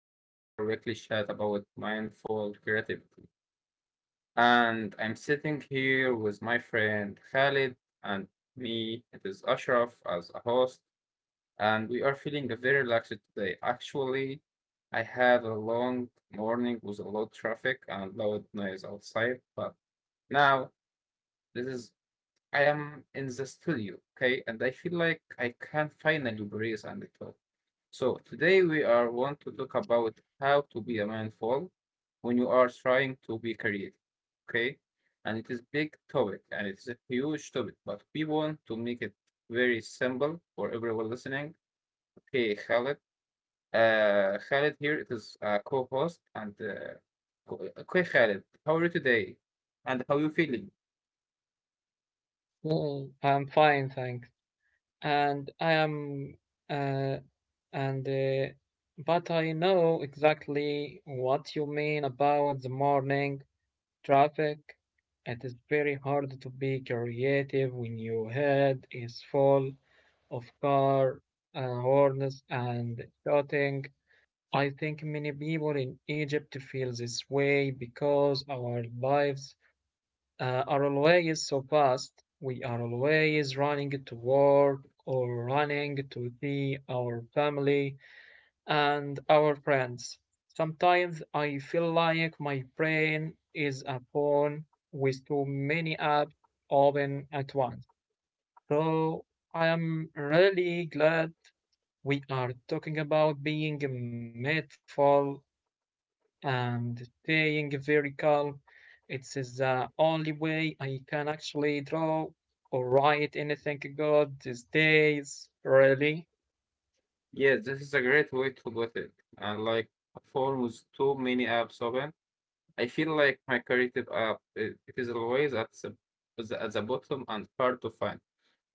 to our weekly chat about mindful creativity. And I'm sitting here with my friend Khalid and me. It is Ashraf as a host, and we are feeling very relaxed today. Actually, I had a long morning with a lot of traffic and loud noise outside, but now this is I am in the studio, okay, and I feel like I can finally breathe and talk. So today we are want to talk about how to be a mindful when you are trying to be creative. Okay? And it is big topic and it's a huge topic, but we want to make it very simple for everyone listening. Okay, Khaled. Khaled here, it is a co-host and okay, Khaled, how are you today? And how you feeling? Well, I'm fine, thanks. And I am, uh, and, but I know exactly what you mean about the morning traffic. It is very hard to be creative when your head is full of car horns and shouting. I think many people in Egypt feel this way because our way is so fast. We are always running to work or running to see our family and our friends. Sometimes I feel like my brain is a phone with too many apps open at once. So I am really glad we are talking about being mindful and staying very calm. It's the only way I can actually draw or write anything good these days, really. Yes, this is a great way to put it. And like a phone with too many apps open, I feel like my creative app it is always at the bottom and hard to find.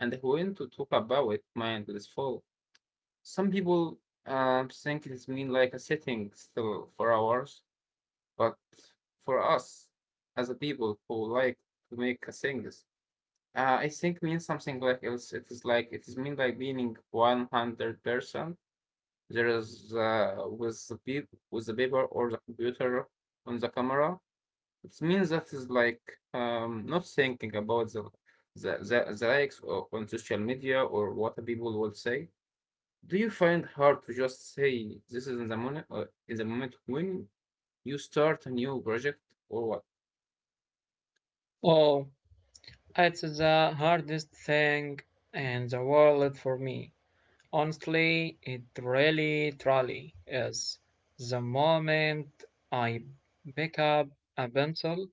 And when to talk about it, mind is full. Some people think it's mean like a setting still for hours, but for us as a people who like to make things, I think means something like else. It is like it is mean like being 100%. There is with the paper or the computer on the camera. It means that is like not thinking about the, the likes on social media or what people will say. Do you find hard to just say this is in the moment or in the moment when you start a new project or what? Oh, it's the hardest thing in the world for me. Honestly, it really, truly is. The moment I pick up a pencil,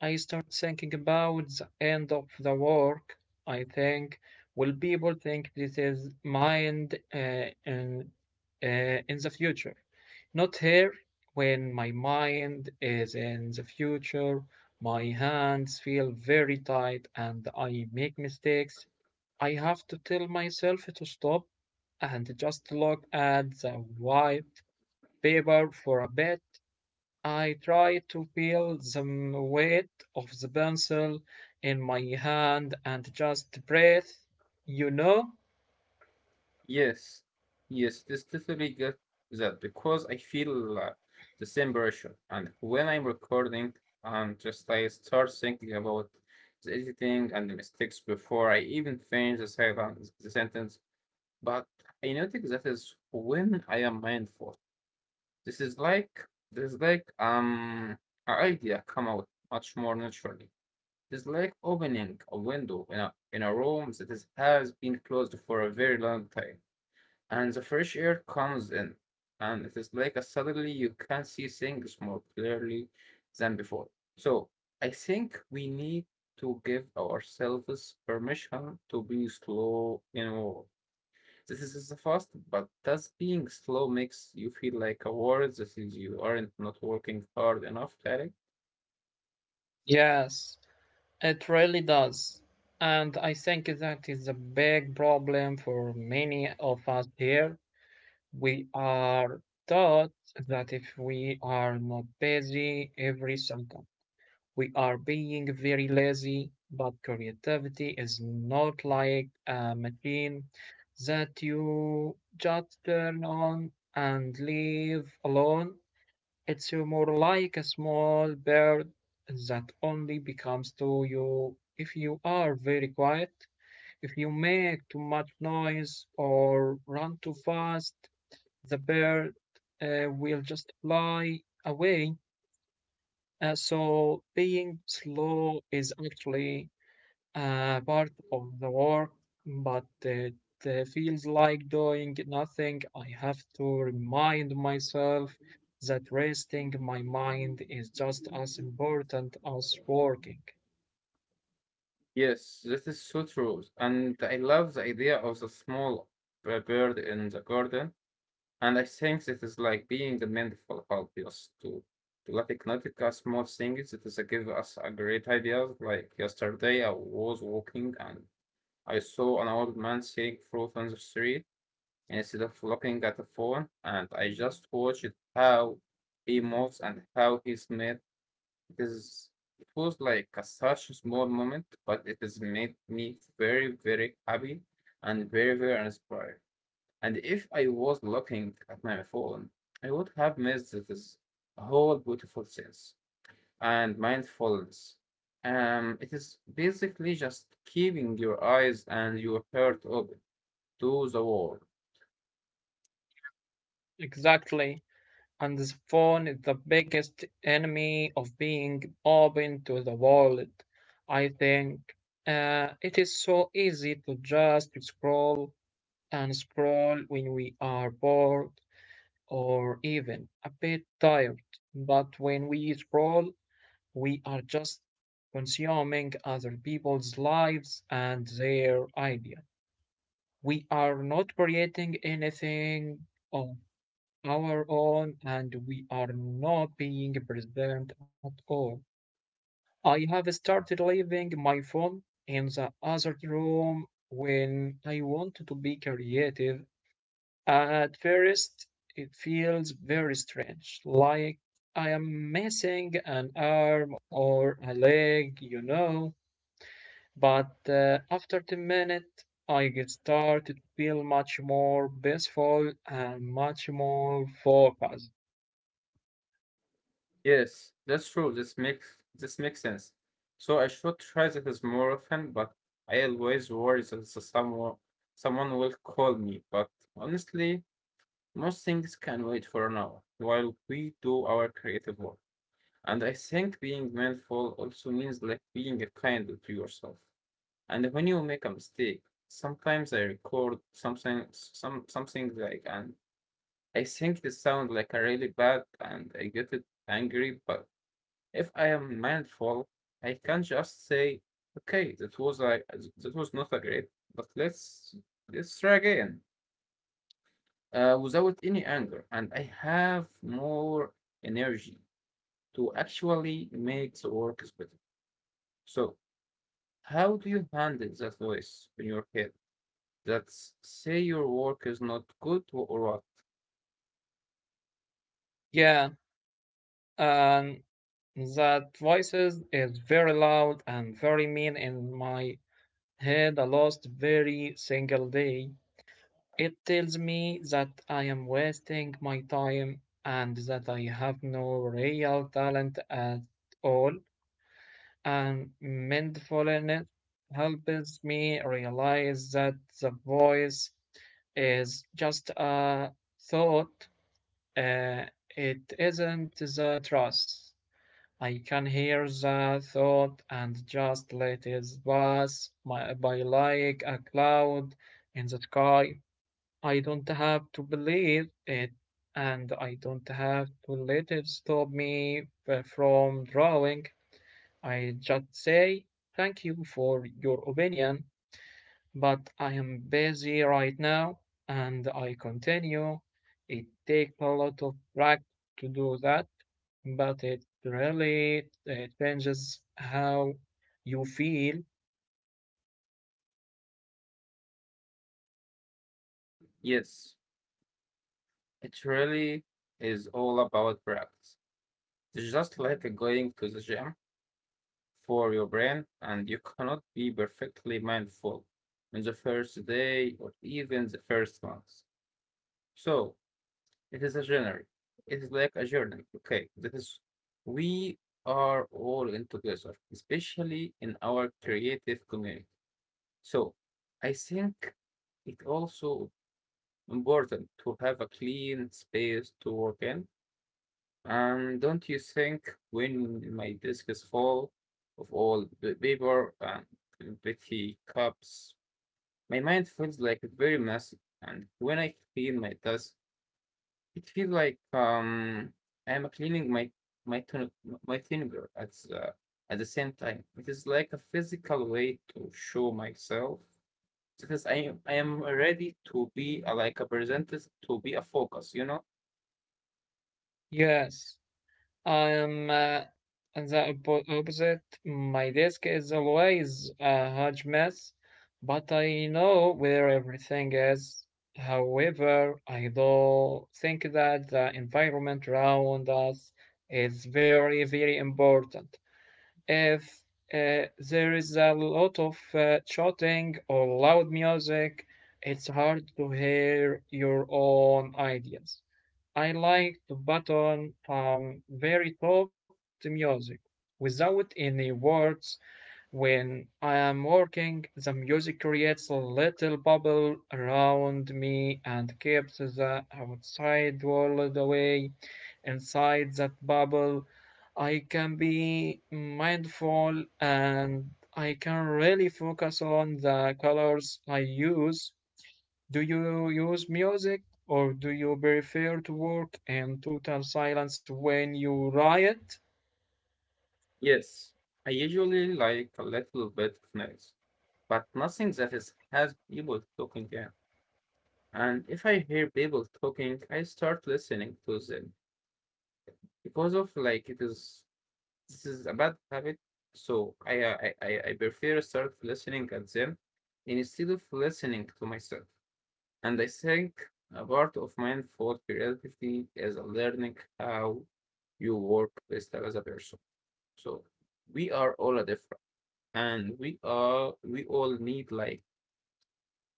I start thinking about the end of the work. I think, will people think this is in the future? Not here, when my mind is in the future, my hands feel very tight and I make mistakes. I have to tell myself to stop and just look at the white paper for a bit. I tried to feel the weight of the pencil in my hand and just breathe, you know? Yes, yes, this definitely get that because I feel the same pressure. And when I'm recording and just I start thinking about the editing and the mistakes before I even finish the sentence. But I notice that is when I am mindful. This is like an idea come out much more naturally. It's like opening a window in a room that is, has been closed for a very long time, and the fresh air comes in, and it is like a suddenly you can see things more clearly than before. So I think we need to give ourselves permission to be slow, this is the fast, but does being slow makes you feel like a world that is you aren't not working hard enough, Tarek? Yes, it really does. And I think that is a big problem for many of us here. We are taught that if we are not busy every second, we are being very lazy, but creativity is not like a machine that you just turn on and leave alone. It's more like a small bird that only becomes to you if you are very quiet. If you make too much noise or run too fast, the bird will just fly away. So being slow is actually part of the work, but it feels like doing nothing. I have to remind myself that resting my mind is just as important as working. Yes, that is so true. And I love the idea of the small bird in the garden. And I think that is like being mindful help us to like notice a small things that is give us a great ideas. Like yesterday, I was walking and I saw an old man selling fruit on the street, instead of looking at the phone, and I just watched how he moves and how he's made. It is it was like a such a small moment, but it has made me very, very happy and very, very inspired. And if I was looking at my phone, I would have missed this whole beautiful sense and mindfulness. It is basically just keeping your eyes and your heart open to the world. Exactly. And the phone is the biggest enemy of being open to the world. I think it is so easy to just scroll and scroll when we are bored or even a bit tired. But when we scroll, we are just consuming other people's lives and their ideas. We are not creating anything of our own and we are not being present at all. I have started leaving my phone in the other room when I want to be creative. At first, it feels very strange, like I am missing an arm or a leg, you know. But after the minute, I get started to feel much more peaceful and much more focused. Yes, that's true. This makes sense. So I should try this more often, but I always worry that someone will call me. But honestly, most things can wait for an hour while we do our creative work. And I think being mindful also means like being kind to yourself. And when you make a mistake, sometimes I record something like, and I think this sounds like a really bad and I get it angry, but if I am mindful, I can just say, "Okay, that was not a great, but let's try again," without any anger, and I have more energy to actually make the work is better. So, how do you handle that voice in your head that say your work is not good or what? Yeah, and that voices is very loud and very mean in my head a last very single day. It tells me that I am wasting my time and that I have no real talent at all. And mindfulness helps me realize that the voice is just a thought, uh, it isn't the truth. I can hear the thought and just let it pass my, by like a cloud in the sky. I don't have to believe it, and I don't have to let it stop me from drawing. I just say, thank you for your opinion, but I am busy right now, and I continue. It takes a lot of practice to do that, but it really changes how you feel. Yes, it really is all about practice. It's just like going to the gym for your brain, and you cannot be perfectly mindful on the first day or even the first month. So it is a journey. It is like a journey. Okay, that is we are all in together, especially in our creative community. So I think it also important to have a clean space to work in. Don't you think when my desk is full of all the paper and petty cups, my mind feels like very messy, and when I clean my desk, it feels like I'm cleaning my tongue, my finger at the same time. It is like a physical way to show myself because I am ready to be like a presented to be a focus, you know? Yes, I'm opposite. My desk is always a huge mess, but I know where everything is. However, I do think that the environment around us is very, very important. If there is a lot of shouting or loud music, it's hard to hear your own ideas. I like to button from very top the music without any words. When I am working, the music creates a little bubble around me and keeps the outside world away. Inside that bubble, I can be mindful and I can really focus on the colors I use. Do you use music or do you prefer to work in total silence when you write? Yes. I usually like a little bit of noise, but nothing that is, has people talking in. And if I hear people talking, I start listening to them because of like it is this is a bad habit. So I prefer start listening at them instead of listening to myself. And I think a part of mindful creativity is learning how you work best as a person. So we are all a different, and we all need like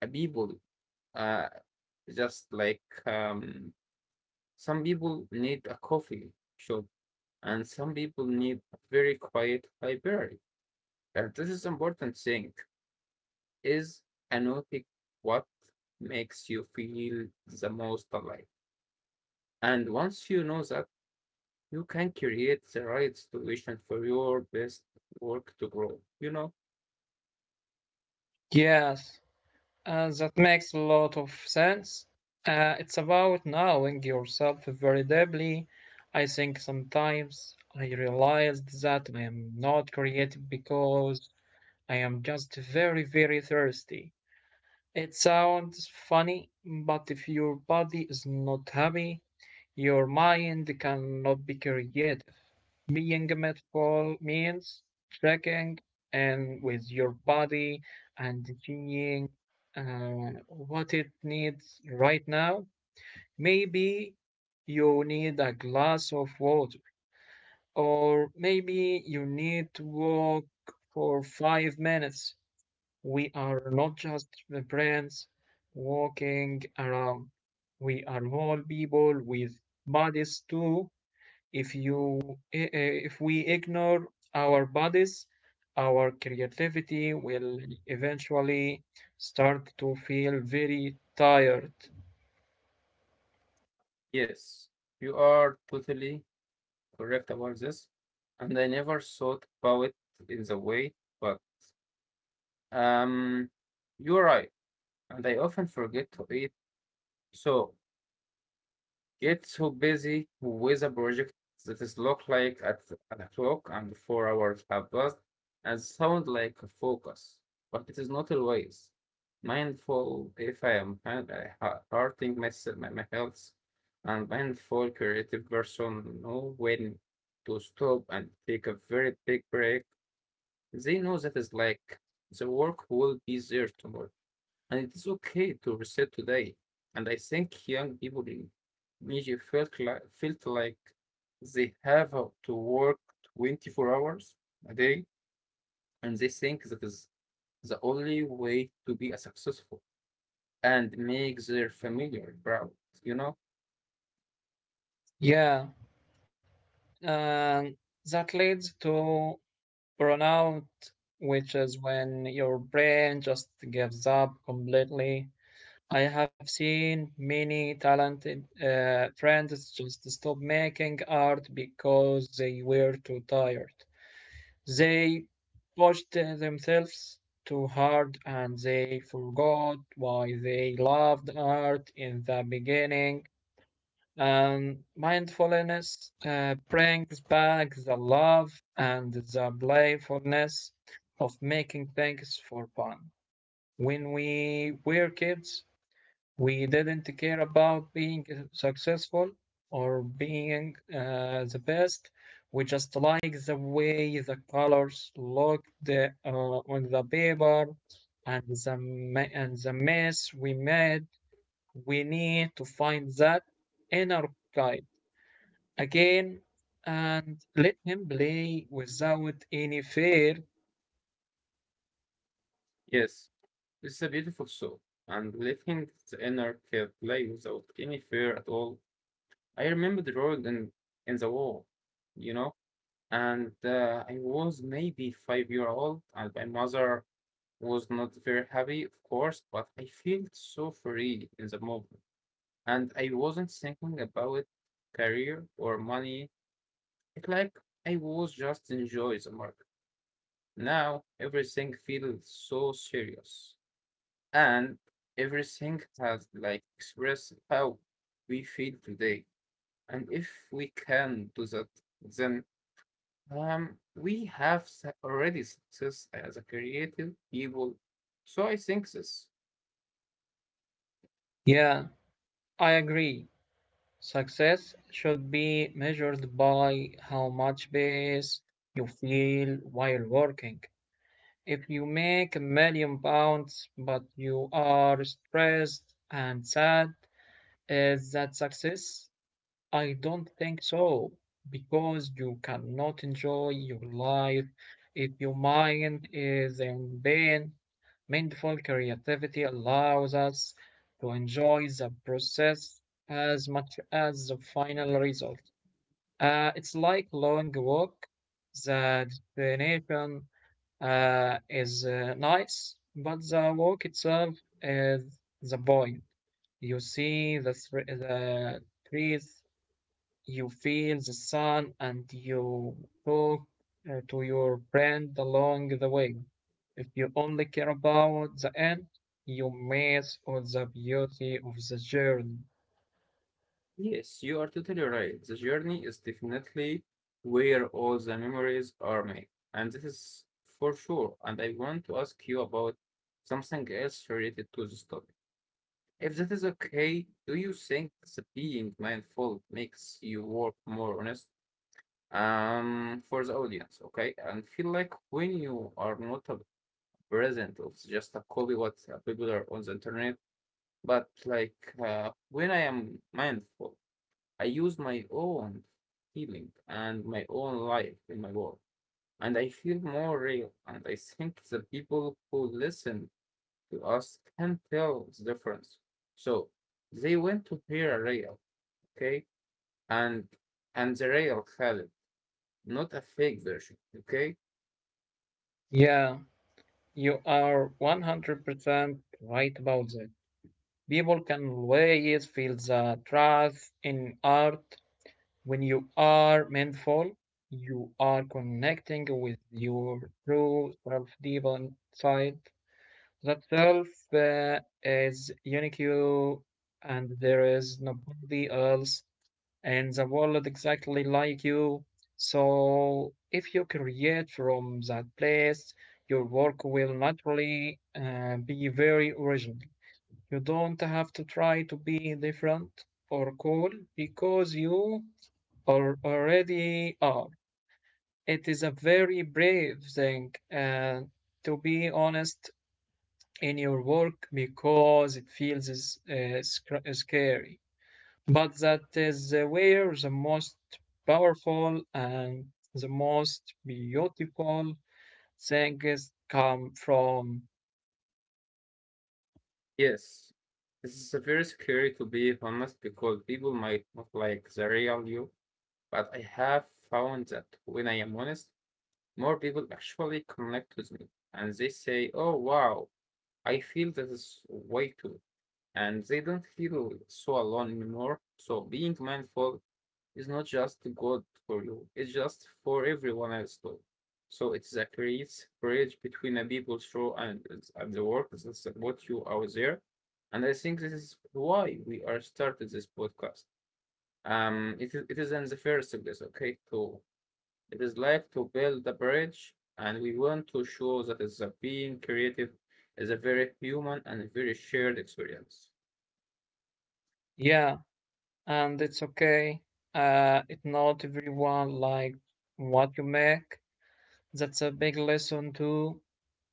a people. Uh, just like um, some people need a coffee shop and some people need a very quiet library. And this is important thing is anotic what makes you feel the most alive. And once you know that, you can create the right situation for your best work to grow. Yes, that makes a lot of sense. It's about knowing yourself very deeply. I think sometimes I realized that I am not creative because I am just very, very thirsty. It sounds funny, but if your body is not happy, your mind cannot be creative. Biometrical means tracking and with your body and seeing what it needs right now. Maybe you need a glass of water, or maybe you need to walk for 5 minutes. We are not just brands walking around, we are whole people with bodies too. If if we ignore our bodies, our creativity will eventually start to feel very tired. Yes, you are totally correct about this. And I never thought about it in the way, but Um, you're right, and I often forget to eat. So get so busy with a project that is look like at a clock and 4 hours have passed and sound like a focus, but it is not always mindful if I am hurting myself, my health, and mindful creative person know when to stop and take a very big break. They know that is like the work will be there tomorrow. And it's okay to reset today. And I think young people in Egypt felt like they have to work 24 hours a day, and they think that is the only way to be a successful and make their family proud. You know? Yeah, and that leads to burnout, which is when your brain just gives up completely. I have seen many talented friends just stop making art because they were too tired. They pushed themselves too hard and they forgot why they loved art in the beginning. And mindfulness brings back the love and the playfulness of making things for fun. When we were kids, we didn't care about being successful or being the best. We just liked the way the colors looked on the paper and the, and the mess we made. We need to find that inner guide again and let him play without any fear. Yes, it's a beautiful show. And letting the inner kid play without any fear at all. I remember the road in the wall, you know? And I was maybe 5-year old, and my mother was not very happy, of course, but I felt so free in the moment, and I wasn't thinking about career or money. It like I was just enjoy the market. Now everything feels so serious, and everything has like express how we feel today. And if we can do that, then we have already success as a creative people, so I think this. Yeah, I agree. Success should be measured by how much peace you feel while working. If you make £1 million but you are stressed and sad, is that success? I don't think so, because you cannot enjoy your life if your mind is in pain. Mindful creativity allows us to enjoy the process as much as the final result. It's like long walk. The destination is nice, but the walk itself is the point. You see the trees, you feel the sun and you talk to your friend along the way. If you only care about the end, you miss all the beauty of the journey. Yes, you are totally right. The journey is definitely where all the memories are made, and this is for sure. And I want to ask you about something else related to this topic. If that is okay, do you think the being mindful makes you work more honest? For the audience, okay, and feel like when you are not present of just a copy what people are on the internet. But like when I am mindful, I use my own feeling and my own life in my work, and I feel more real. And I think the people who listen to us can tell the difference. So they want to hear a real, okay, and and the real Khalid, not a fake version, okay. Yeah, you are 100% right about that. People can always feel the truth in art when you are mindful. You are connecting with your true self deep inside. That self is unique and there is nobody else in the world exactly like you. So, if you create from that place, your work will naturally be very original. You don't have to try to be different or cool because you are already are. It is a very brave thing, and to be honest, in your work because it feels uh, scary. But that is where the most powerful and the most beautiful things come from. Yes, this is very scary to be honest because people might not like the real you, but I have found that when I am honest, more people actually connect with me and they say, "Oh wow, I feel that is way too," and they don't feel so alone anymore. So being mindful is not just good for you, it's just for everyone else too. So it creates bridge between a people show and the work that support you out there. And I think this is why we are started this podcast. It is in the first place, okay? To It is like to build a bridge, and we want to show that is a being creative is a very human and a very shared experience. Yeah, and it's okay. It not everyone like what you make. That's a big lesson too.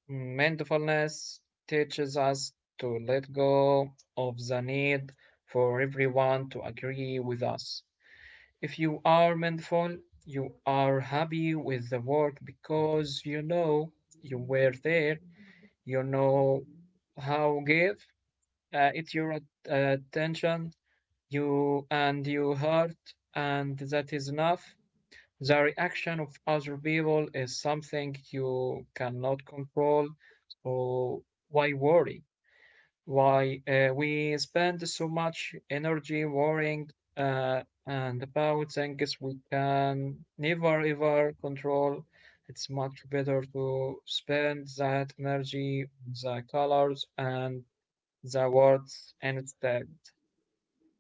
Mindfulness teaches us to let go of the need for everyone to agree with us. If you are mindful, you are happy with the work because you know you were there, you know how give it your attention, you and your heart, and that is enough. The reaction of other people is something you cannot control, so why worry? Why we spend so much energy worrying and about things we can never ever control. It's much better to spend that energy, the colors, and the words instead.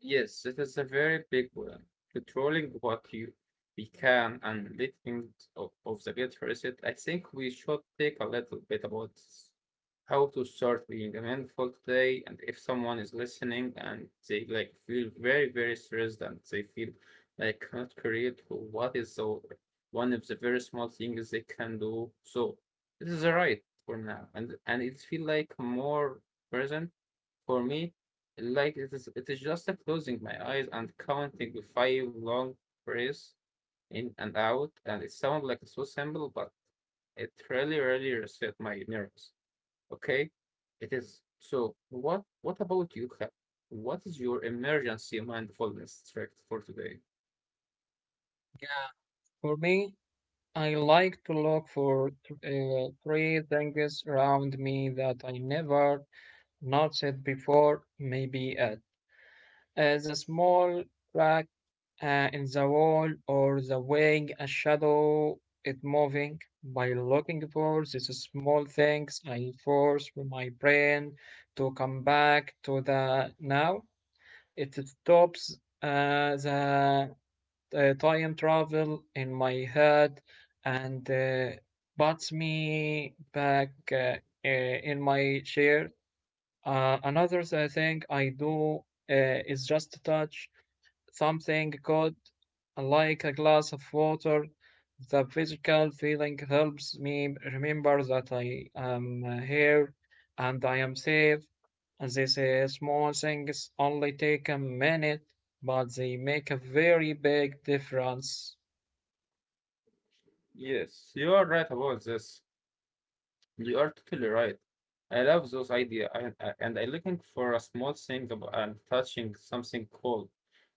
Yes, it is a very big one. Controlling what you we can, and letting of the get reset. I think we should take a little bit about how to start being mindful today. And if someone is listening and they like feel very, very stressed and they feel like not create what is so one of the very small things they can do. So this is right for now. And it feel like more present for me, like it is just closing my eyes and counting with five long breaths in and out, and it sounds like so simple, but it really, really reset my nerves. Okay, it is. So what? What about you, Kat? What is your emergency mindfulness trick for today? Yeah, for me, I like to look for three things around me that I never noticed before. Maybe at a small crack in the wall or the wing, a shadow, it moving. By looking for these small things, I force my brain to come back to the now. It stops the time travel in my head and puts me back in my chair. Another thing I do is just touch something good, like a glass of water. The physical feeling helps me remember that I am here and I am safe. These small things only take a minute, but they make a very big difference. Yes, you are right about this. You are totally right. I love those ideas, and I'm looking for a small thing and touching something cool.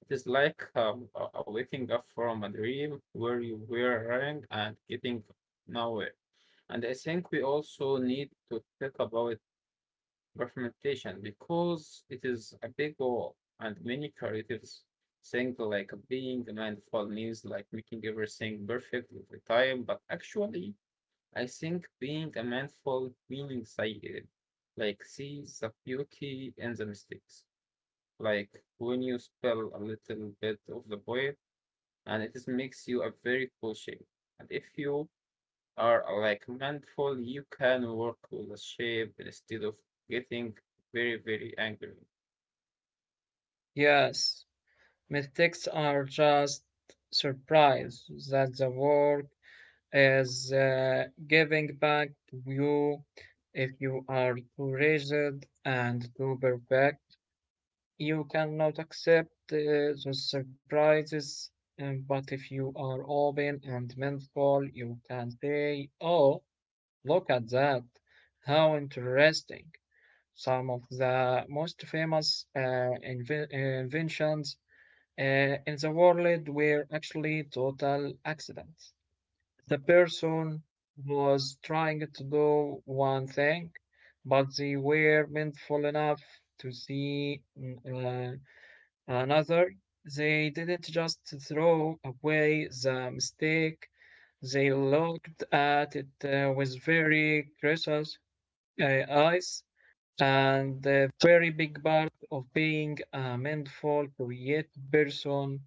It is like a waking up from a dream where you were running and getting nowhere. And I think we also need to talk about perfectionism because it is a big goal, and many creatives think like being mindful means like making everything perfect every time, but actually I think being a mindful means I like see the beauty and the mistakes. Like when you spell a little bit of the poem and it is makes you a very cool shape. And if you are like mindful, you can work with the shape instead of getting very, very angry. Yes, mistakes are just surprise that the work is giving back to you. If you are too rigid and too perfect, you cannot accept the surprises. But if you are open and mindful, you can say, oh, look at that! How interesting! Some of the most famous inventions uh, in the world were actually total accidents. The person was trying to do one thing, but they were mindful enough to see another. They didn't just throw away the mistake, they looked at it with very curious eyes. And a very big part of being a mindful, creative person,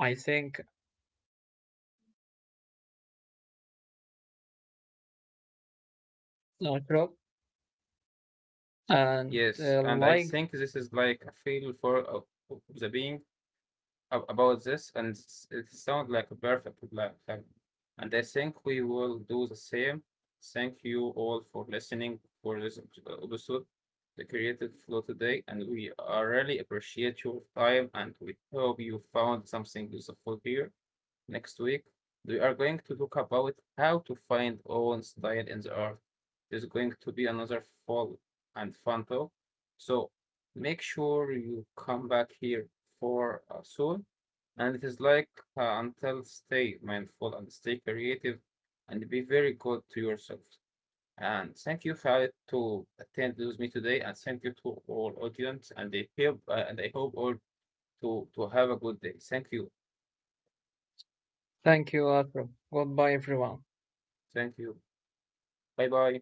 I think, Rob, and Yes, uh, and I like think this is like a feel for of the being about this, and it sounds like a perfect plan. And I think we will do the same. Thank you all for listening for this episode, the Creative Flow today, and we really appreciate your time. And we hope you found something useful here. Next week, we are going to talk about how to find own style in the art. There's going to be another full and fun talk, so make sure you come back here for soon. And it is like until stay mindful and stay creative and be very good to yourself. And thank you, Khaled, to attend with me today, and thank you to all audience. And I hope all to have a good day. Thank you, thank you, Ashraf. Goodbye, everyone. thank you. Bye bye.